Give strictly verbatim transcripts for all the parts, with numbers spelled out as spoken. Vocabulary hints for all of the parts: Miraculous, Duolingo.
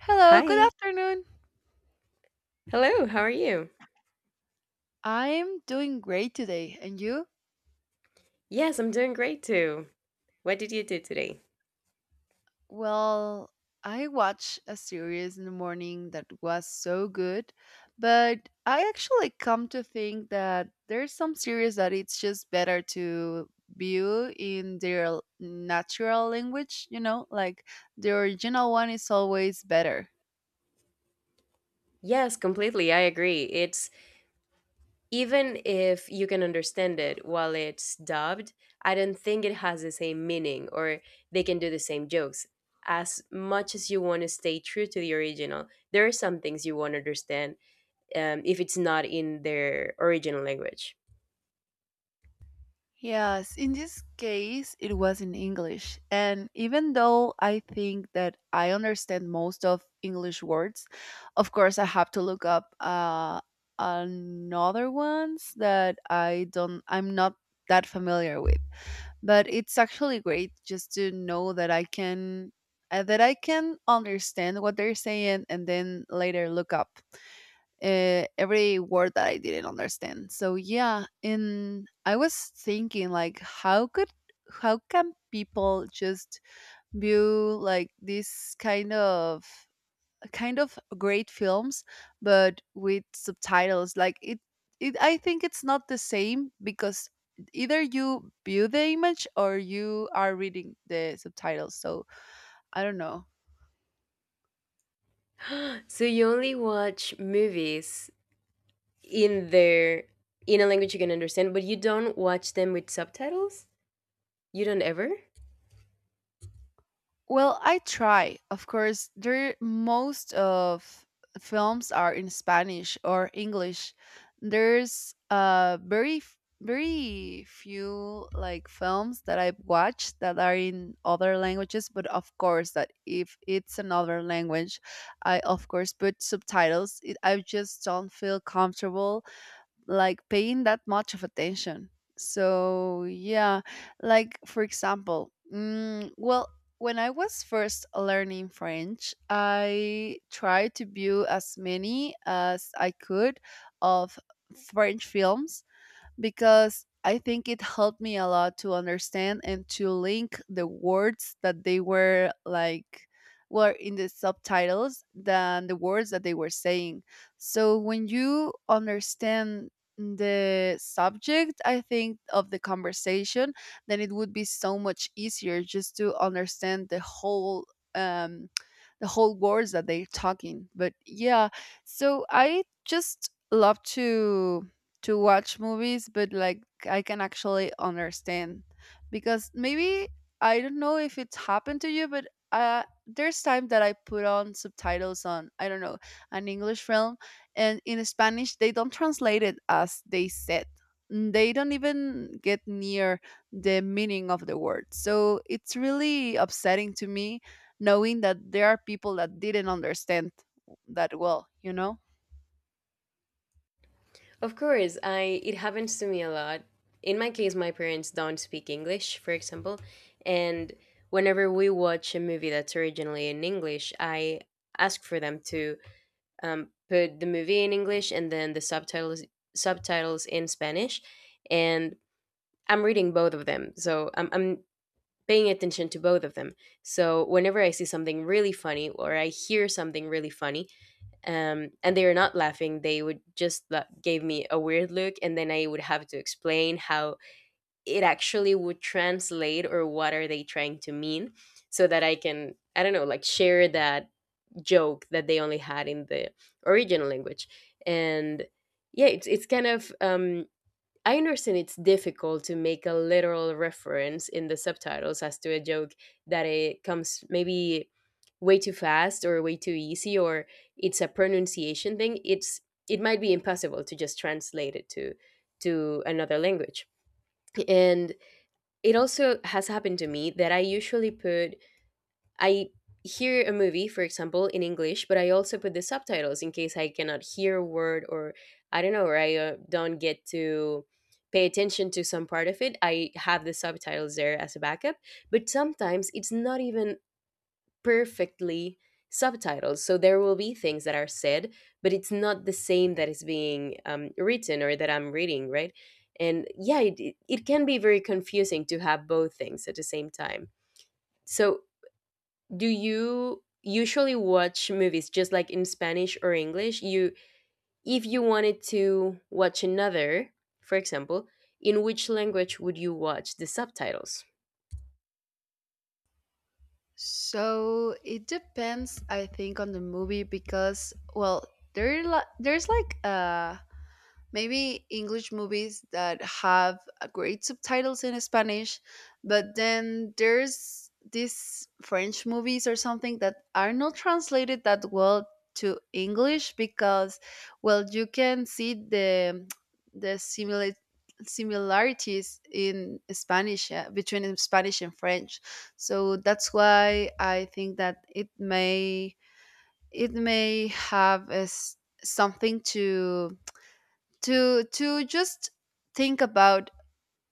Hello, good Hi. afternoon. Hello. How are you? I'm doing great today. And you? Yes, I'm doing great too. What did you do today? Well, I watched a series in the morning that was so good, but I actually come to think that there's some series that it's just better to view in their natural language, you know, like the original one is always better. Yes, completely. I agree. It's even if you can understand it while it's dubbed, I don't think it has the same meaning or they can do the same jokes. As much as you want to stay true to the original, there are some things you won't understand um, if it's not in their original language. Yes, in this case, it was in English. And even though I think that I understand most of English words, of course, I have to look up uh, another ones that I don't, I'm not that familiar with. But it's actually great just to know that I can, uh, that I can understand what they're saying and then later look up uh, every word that I didn't understand. So yeah, and I was thinking like, how could how can people just view like this kind of kind of great films, but with subtitles? Like it, it I think it's not the same because either you view the image or you are reading the subtitles. So I don't know. So you only watch movies in their in a language you can understand, but you don't watch them with subtitles? You don't ever? Well, I try. Of course, there most of films are in Spanish or English. There's uh very f- very few like films that I've watched that are in other languages, but of course that if it's another language, I of course put subtitles. It, I just don't feel comfortable like paying that much of attention. So yeah, like for example, mm, well, when I was first learning French, I tried to view as many as I could of French films because I think it helped me a lot to understand and to link the words that they were like were in the subtitles than the words that they were saying. So when you understand the subject, I think, of the conversation, then it would be so much easier just to understand the whole um the whole words that they're talking. But yeah, so I just love to to watch movies, but like I can actually understand because maybe I don't know if it's happened to you, but uh, there's time that I put on subtitles on, I don't know, an English film, and in Spanish they don't translate it as they said. Mm, They don't even get near the meaning of the word. So it's really upsetting to me knowing that there are people that didn't understand that well, you know? Of course, I it happens to me a lot. In my case, my parents don't speak English, for example, and whenever we watch a movie that's originally in English, I ask for them to um, put the movie in English and then the subtitles subtitles in Spanish, and I'm reading both of them, so I'm I'm paying attention to both of them. So whenever I see something really funny or I hear something really funny, um, and they are not laughing, they would just la- gave me a weird look, and then I would have to explain how it actually would translate or what are they trying to mean, so that I can I don't know like share that joke that they only had in the original language, and yeah, it's it's kind of um, I understand it's difficult to make a literal reference in the subtitles as to a joke that it comes maybe way too fast or way too easy or it's a pronunciation thing. It's it might be impossible to just translate it to to another language. And it also has happened to me that I usually put I hear a movie, for example, in English, but I also put the subtitles in case I cannot hear a word or I don't know, or I uh, don't get to pay attention to some part of it. I have the subtitles there as a backup, but sometimes it's not even perfectly subtitled. So there will be things that are said, but it's not the same that is being um, written or that I'm reading, right? And yeah, it, it it can be very confusing to have both things at the same time. So, do you usually watch movies just like in Spanish or English? You if you wanted to watch another, for example, in which language would you watch the subtitles? So it depends, I think, on the movie because, well, there li- there's like a maybe English movies that have uh, great subtitles in Spanish, but then there's these French movies or something that are not translated that well to English because, well, you can see the the simila- similarities in Spanish, uh, between in Spanish and French, so that's why I think that it may it may have as something to to to just think about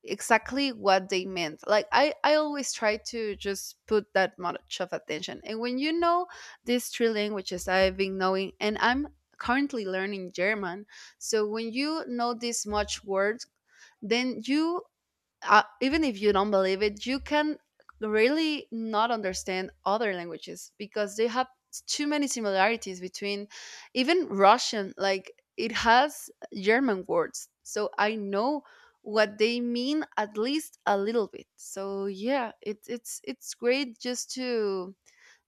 exactly what they meant. Like i i always try to just put that much of attention. And when you know these three languages I've been knowing and I'm currently learning German, so when you know this much words, then you, uh, even if you don't believe it, you can really not understand other languages because they have too many similarities between even Russian, like it has German words. So I know what they mean at least a little bit. So yeah, it, it's it's great just to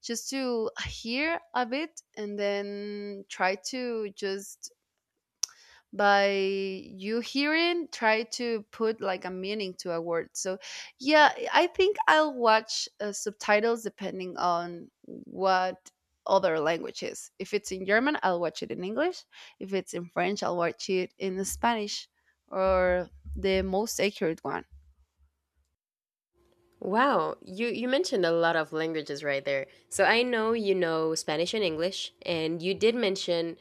just to hear a bit and then try to just by you hearing try to put like a meaning to a word. So yeah, I think I'll watch uh, subtitles depending on what other language is. If it's in German, I'll watch it in English. If it's in French, I'll watch it in Spanish. Or the most accurate one. Wow, you you mentioned a lot of languages right there. So I know you know Spanish and English and you did mention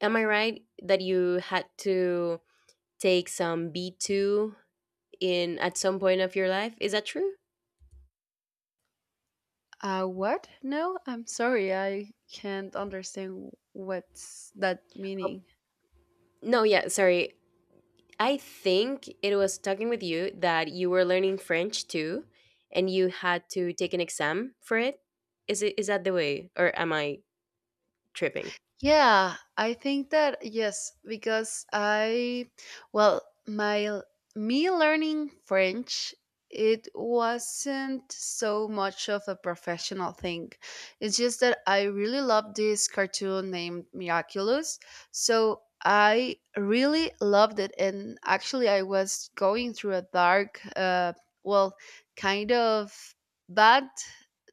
am I right that you had to take some B two in at some point of your life? Is that true? Uh what? No, I'm sorry, I can't understand what's that Oh, meaning? no, yeah, sorry. I think it was talking with you that you were learning French too, and you had to take an exam for it. Is it is that the way, or am I tripping? Yeah, I think that yes, because I, well, my l- me learning French, it wasn't so much of a professional thing. It's just that I really love this cartoon named Miraculous, so I really loved it. And actually, I was going through a dark, uh, well, kind of bad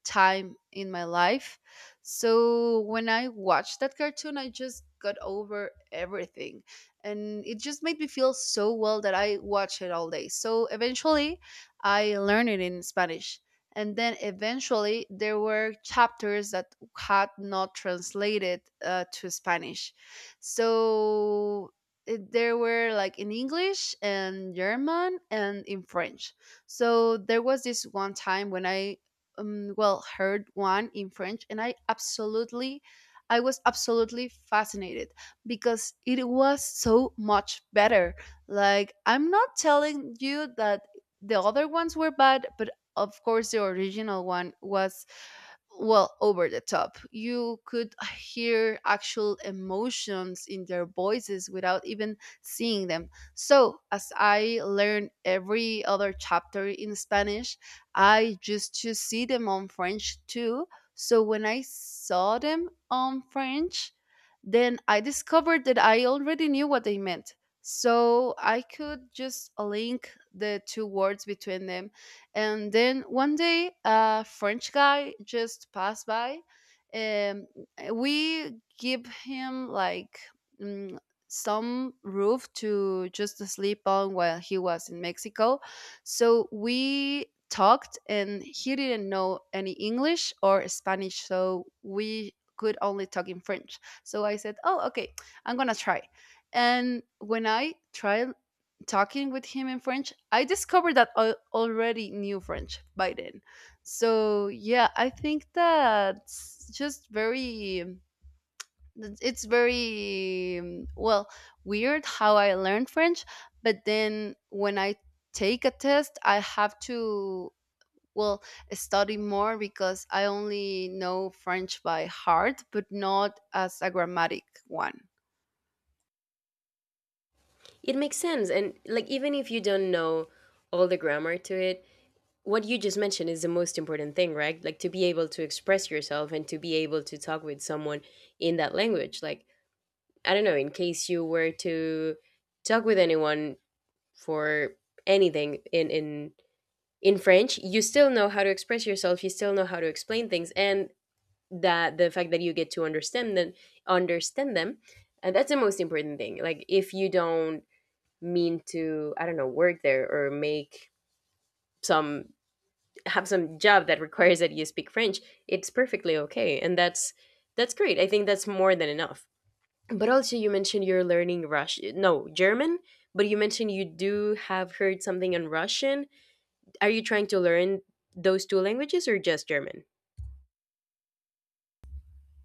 time in my life, so when I watched that cartoon, I just got over everything. And it just made me feel so well that I watched it all day. So eventually, I learned it in Spanish. And then eventually, there were chapters that had not translated uh, to Spanish. So it- there were like in English and German and in French. So there was this one time when I, um, well, heard one in French and i absolutely i was absolutely fascinated because it was so much better. Like, I'm not telling you that the other ones were bad, but of course the original one was, well, over the top. You could hear actual emotions in their voices without even seeing them. So as I learned every other chapter in Spanish, I used to see them on French too. So when I saw them on French, then I discovered that I already knew what they meant, so I could just link the two words between them. And then one day, a French guy just passed by. Um, we give him like, mm, some roof to just sleep on while he was in Mexico. So we talked, and he didn't know any English or Spanish, so we could only talk in French. So I said, "Oh, okay, I'm gonna try." And when I tried talking with him in French, I discovered that I already knew French by then. So yeah, I think that's just very it's very um, well, weird how I learned French, but then when I take a test, I have to, well, study more because I only know French by heart, but not as a grammatic one. It makes sense, and like even if you don't know all the grammar to it, what you just mentioned is the most important thing, right? Like to be able to express yourself and to be able to talk with someone in that language. Like I don't know, in case you were to talk with anyone for anything in in in French, you still know how to express yourself, you still know how to explain things, and that the fact that you get to understand them, understand them, and that's the most important thing. Like if you don't mean to, I don't know, work there or make some have some job that requires that you speak French, it's perfectly okay, and that's that's great. I think that's more than enough. But also, you mentioned you're learning Russian, no German, but you mentioned you do have heard something in Russian are you trying to learn those two languages or just German?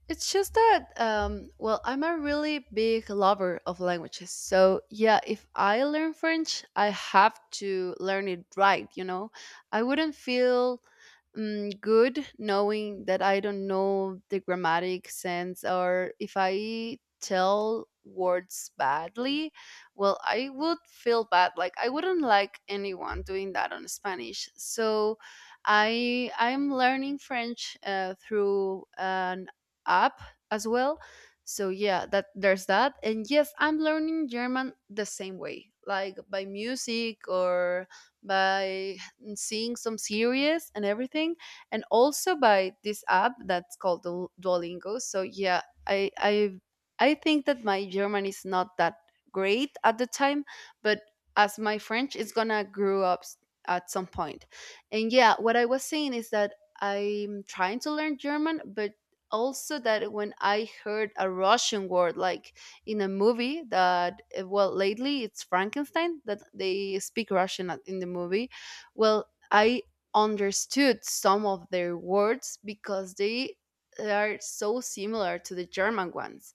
It's just that, um, well, I'm a really big lover of languages. So, yeah, if I learn French, I have to learn it right, you know? I wouldn't feel, um, good knowing that I don't know the grammatic sense or if I tell words badly, well, I would feel bad. Like, I wouldn't like anyone doing that on Spanish. So, I I'm learning French uh, through an app as well. So yeah, that there's that. And yes, I'm learning German the same way, like by music or by seeing some series and everything, and also by this app that's called Duol- Duolingo. So yeah, I I I think that my German is not that great at the time, but as my French is gonna grow up, s- at some point. And yeah, what I was saying is that I'm trying to learn German, but also that when I heard a Russian word like in a movie that, uh, well, lately it's Frankenstein that they speak Russian at- in the movie. Well, I understood some of their words because they are so similar to the German ones.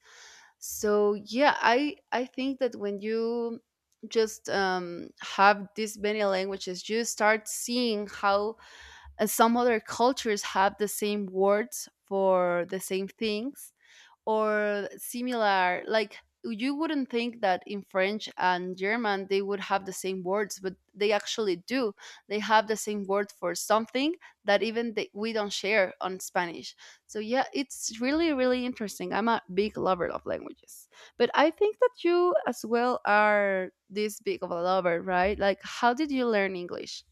So yeah, I I think that when you just, um, have this many languages, you start seeing how, uh, some other cultures have the same words for the same things or similar. Like, you wouldn't think that in French and German they would have the same words, but they actually do. They have the same word for something that even they, we don't share on Spanish. So yeah, it's really really interesting. I'm a big lover of languages, but I think that you as well are this big of a lover, right? Like, how did you learn English?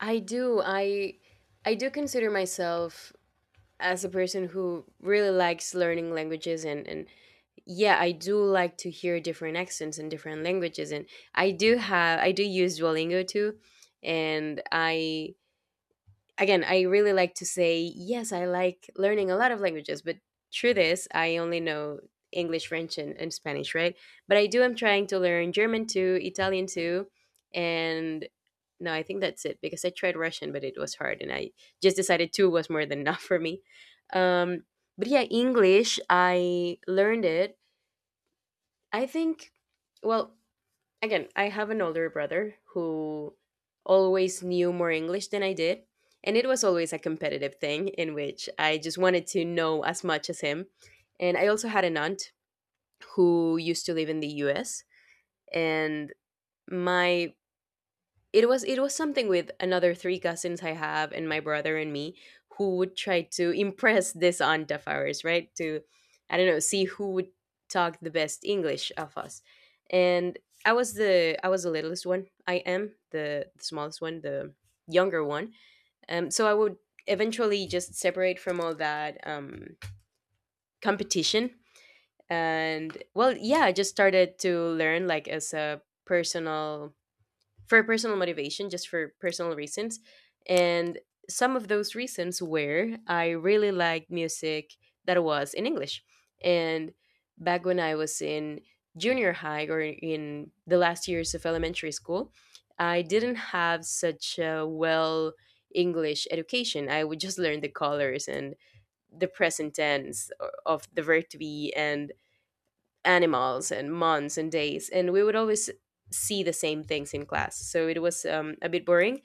I do. I I do consider myself as a person who really likes learning languages and and yeah, I do like to hear different accents and different languages and I do have I do use Duolingo too and I again, I really like to say, yes, I like learning a lot of languages, but through this, I only know English, French, and, and Spanish, right? But I do, I'm trying to learn German too, Italian too, and no, I think that's it because I tried Russian, but it was hard, and I just decided two was more than enough for me. Um, but yeah, English, I learned it. I think, well, again, I have an older brother who always knew more English than I did. And it was always a competitive thing in which I just wanted to know as much as him. And I also had an aunt who used to live in the U S. And my it was it was something with another three cousins I have and my brother and me who would try to impress this aunt of ours, right? To I don't know, see who would talk the best English of us. And I was the I was the littlest one. I am the, the smallest one, the younger one. Um, so I would eventually just separate from all that um, competition and well yeah I just started to learn like as a personal for personal motivation, just for personal reasons. And some of those reasons were I really liked music that was in English. And back when I was in junior high or in the last years of elementary school, I didn't have such a well English education. I would just learn the colors and the present tense o- of the verb to be and animals and months and days and we would always see the same things in class so it was um, a bit boring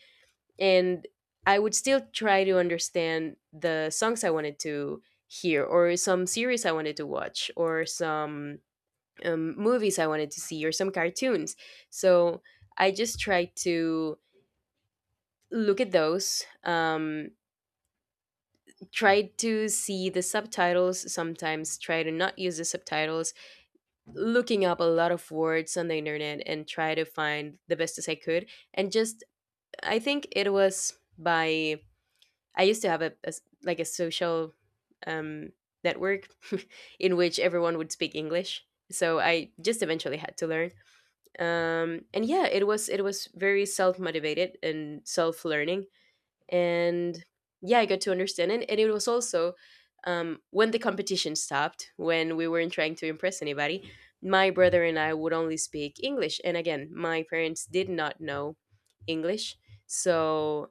and I would still try to understand the songs I wanted to hear or some series I wanted to watch or some um, movies I wanted to see or some cartoons so I just tried to look at those um, tried to see the subtitles sometimes try to not use the subtitles looking up a lot of words on the internet and try to find the best as I could. And just, I think it was by, I used to have a, a s- like a social um, network in which everyone would speak English. So I just eventually had to learn. Um, and yeah, it was, it was very self-motivated and self-learning and yeah I got to understand it and it was also um, when the competition stopped when we weren't trying to impress anybody my brother and I would only speak english and again my parents did not know english so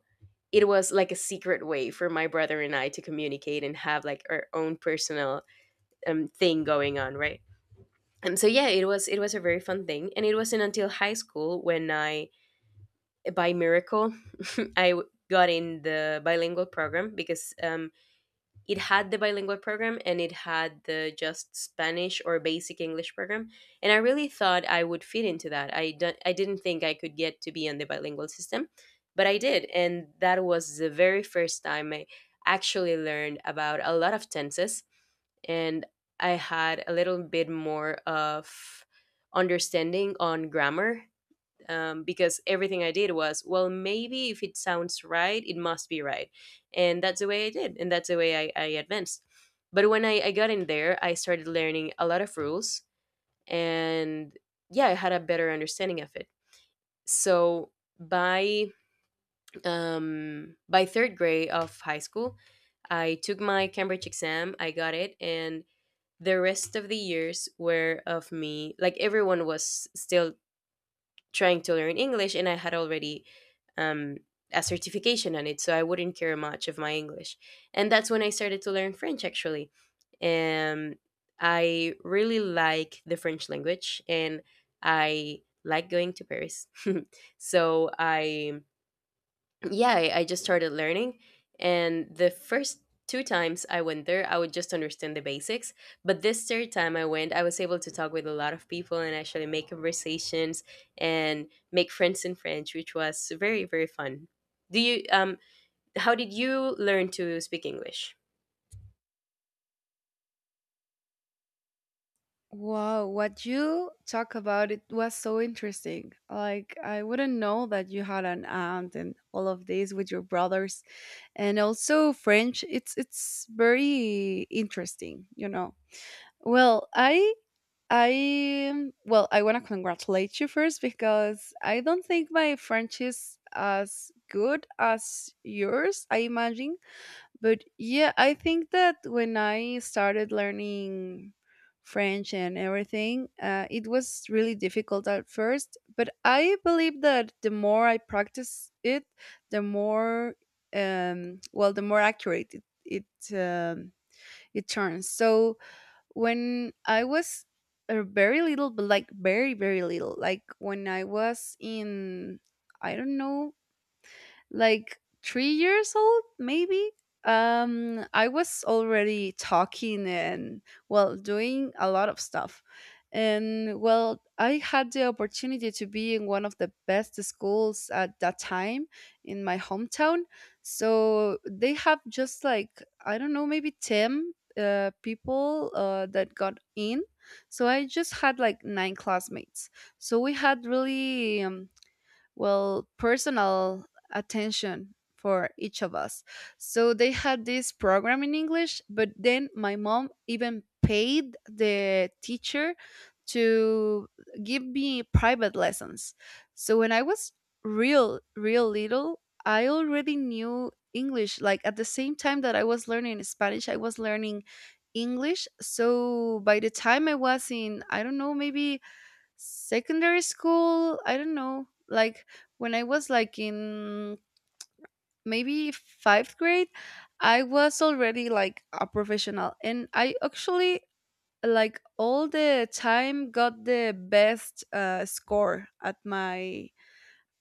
it was like a secret way for my brother and I to communicate and have like our own personal um, thing going on right and so yeah it was it was a very fun thing and it wasn't until high school when I by miracle, I w- got in the bilingual program because um, it had the bilingual program and it had the just Spanish or basic English program, and I really thought I would fit into that. I don't, I didn't think I could get to be on the bilingual system, but I did, and that was the very first time I actually learned about a lot of tenses, and I had a little bit more of understanding on grammar um, because everything I did was, well, maybe if it sounds right, it must be right. And that's the way I did. And that's the way I, I advanced. But when I, I got in there, I started learning a lot of rules. And yeah, I had a better understanding of it. So by um, by third grade of high school, I took my Cambridge exam. I got it. And the rest of the years were of me like everyone was still trying to learn English, and I had already um, a certification on it, so I wouldn't care much of my English. And that's when I started to learn French, actually. Um, I really like the French language, and I like going to Paris. so I yeah, I, I just started learning. And the first two times I went there, I would just understand the basics. But this third time I went, I was able to talk with a lot of people and actually make conversations and make friends in French, which was very, very fun. Do you um how did you learn to speak English? Wow, what you talk about it was so interesting. Like, I wouldn't know that you had an aunt and all of this with your brothers and also French. It's it's very interesting, you know. Well, I I well, I want to congratulate you first because I don't think my French is as good as yours, I imagine. But yeah, I think that when I started learning French and everything, uh, it was really difficult at first. But I believe that the more I practice it, the more, um, well, the more accurate it it, um, it turns. So when I was, uh, very little, but like very very little, like when I was in, I don't know, like three years old maybe. Um i was already talking and, well, doing a lot of stuff. And, well, I had the opportunity to be in one of the best schools at that time in my hometown. So they have just like, I don't know, maybe ten uh, people uh, that got in. So I just had like nine classmates. So we had really, um, well, personal attention for each of us. So they had this program in English, but then my mom even paid the teacher to give me private lessons. So when I was real real little, I already knew English. Like, at the same time that I was learning Spanish, I was learning English. So by the time I was in, I don't know, maybe secondary school, I don't know. Like when I was like in maybe fifth grade, I was already like a professional, and I actually like all the time got the best uh, score at my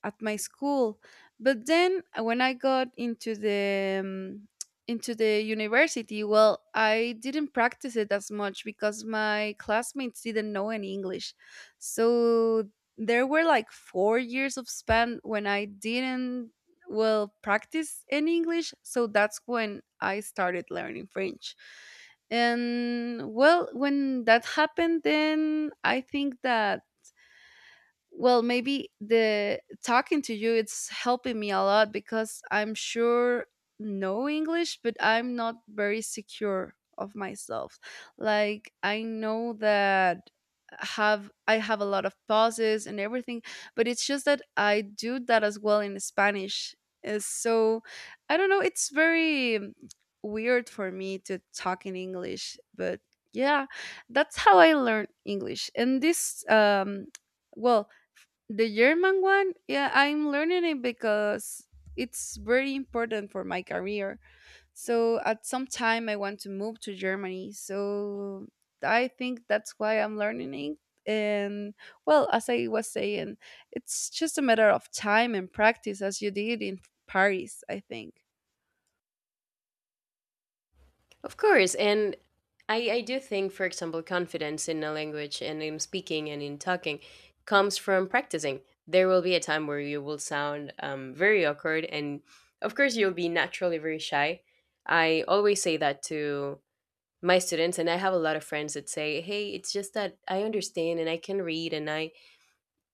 at my school. But then uh, when I got into the um, into the university, well, I didn't practice it as much because my classmates didn't know any English. So there were like four years of span when I didn't, well, practice any English. So that's when I started learning French. And, well, when that happened, then I think that, well, maybe the talking to you it's helping me a lot because I'm sure know English, but I'm not very secure of myself. Like, I know that have I have a lot of pauses and everything, but it's just that I do that as well in Spanish. Uh, so I don't know, it's very um, weird for me to talk in English, but yeah, that's how I learn English. And this um well, the German one, yeah, I'm learning it because it's very important for my career. So at some time I want to move to Germany. So I think that's why I'm learning it. And, well, as I was saying, it's just a matter of time and practice as you did in Paris, I think. Of course, and I, I do think, for example, confidence in a language and in speaking and in talking comes from practicing. There will be a time where you will sound um, very awkward, and of course, you'll be naturally very shy. I always say that to my students, and I have a lot of friends that say, "Hey, it's just that I understand and I can read, and I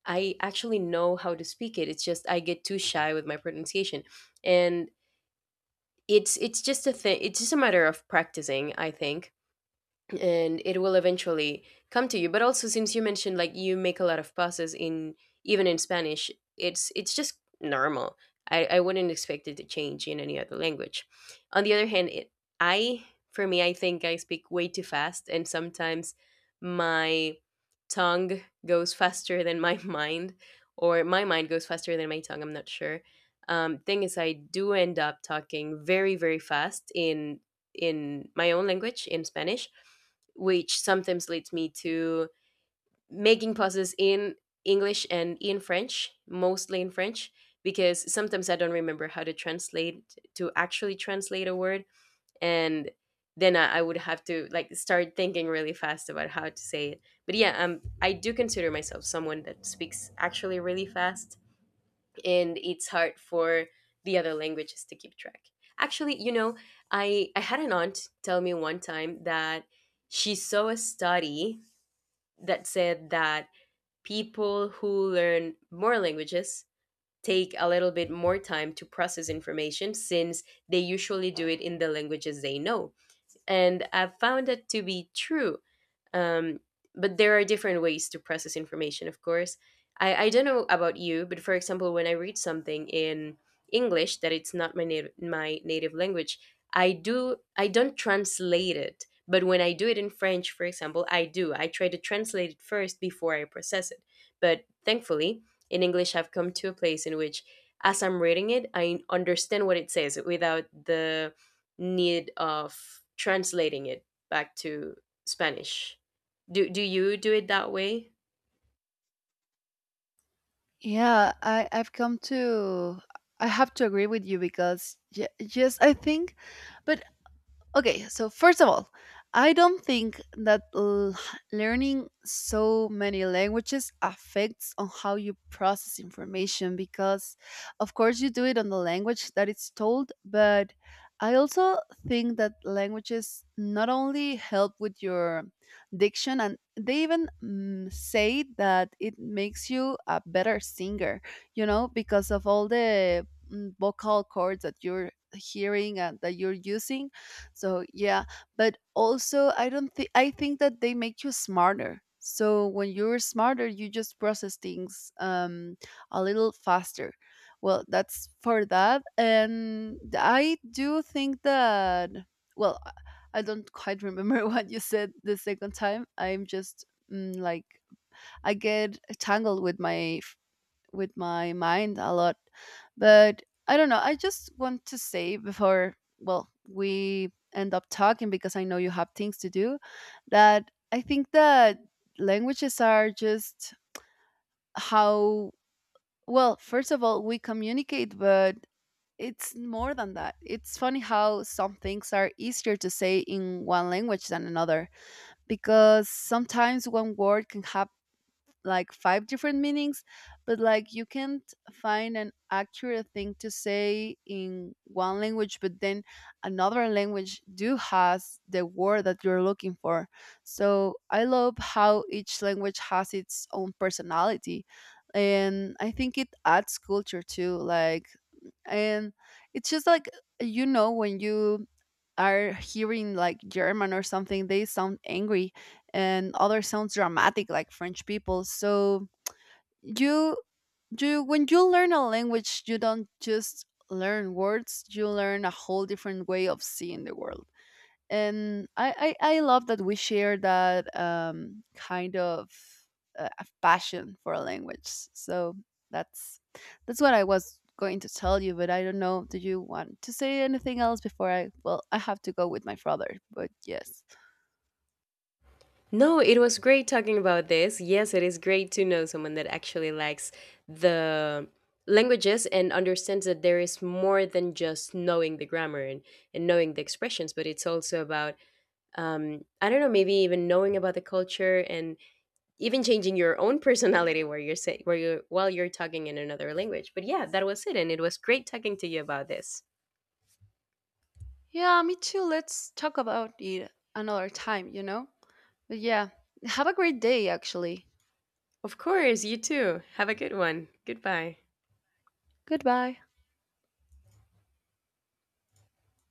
I actually know how to speak it. It's just I get too shy with my pronunciation," and it's it's just a thing. It's just a matter of practicing, I think and it will eventually come to you but also since you mentioned like you make a lot of pauses in even in spanish it's it's just normal i i wouldn't expect it to change in any other language on the other hand it, I for me I think I speak way too fast and sometimes my tongue goes faster than my mind or my mind goes faster than my tongue I'm not sure um, thing is I do end up talking very very fast in in my own language in spanish which sometimes leads me to making pauses in English and in French, mostly in French, because sometimes I don't remember how to translate, to actually translate a word. And then I, I would have to like start thinking really fast about how to say it. But yeah, um, I do consider myself someone that speaks actually really fast, and it's hard for the other languages to keep track. Actually, you know, I I had an aunt tell me one time that she saw a study that said that people who learn more languages take a little bit more time to process information since they usually do it in the languages they know. And I've found that to be true. Um, but there are different ways to process information, of course. I, I don't know about you, but for example, when I read something in English that it's not my native my native language, I do I don't translate it. But when I do it in French, for example, I do. I try to translate it first before I process it. But thankfully, in English, I've come to a place in which, as I'm reading it, I understand what it says without the need of translating it back to Spanish. Do do you do it that way? Yeah, I, I've come to I have to agree with you because ye- yes, I think, but okay, so first of all, I don't think that l- learning so many languages affects on how you process information, because of course you do it on the language that it's told, but I also think that languages not only help with your diction, and they even mm, say that it makes you a better singer, you know, because of all the mm, vocal cords that you're hearing and that you're using. So yeah, but also I don't think I think that they make you smarter. So when you're smarter, you just process things um, a little faster. Well, that's for that, and I do think that. Well, I I don't quite remember what you said the second time. I'm just mm, like I get tangled with my with my mind a lot. But I don't know. I just want to say before, well, we end up talking, because I know you have things to do, that I think that languages are just how, well, first of all, we communicate, but it's more than that. It's funny how some things are easier to say in one language than another, because sometimes one word can have like five different meanings, but like you can't find an accurate thing to say in one language, but then another language do has the word that you're looking for. So I love how each language has its own personality. And I think it adds culture too. Like, and it's just like, you know, when you are hearing like German or something, they sound angry, and other sounds dramatic like French people. So you you when you learn a language, you don't just learn words, you learn a whole different way of seeing the world. And I I, I love that we share that um, kind of uh, a passion for a language. So that's that's what I was going to tell you, but I don't know. Do you want to say anything else before I? Well, I have to go with my brother, but yes. No, it was great talking about this. Yes, it is great to know someone that actually likes the languages and understands that there is more than just knowing the grammar and, and knowing the expressions, but it's also about, um, I don't know, maybe even knowing about the culture and even changing your own personality where you're say, where you while you're talking in another language. But yeah, that was it, and it was great talking to you about this. Yeah, me too. Let's talk about it another time, you know? But yeah, have a great day, actually. Of course, you too. Have a good one. Goodbye. Goodbye.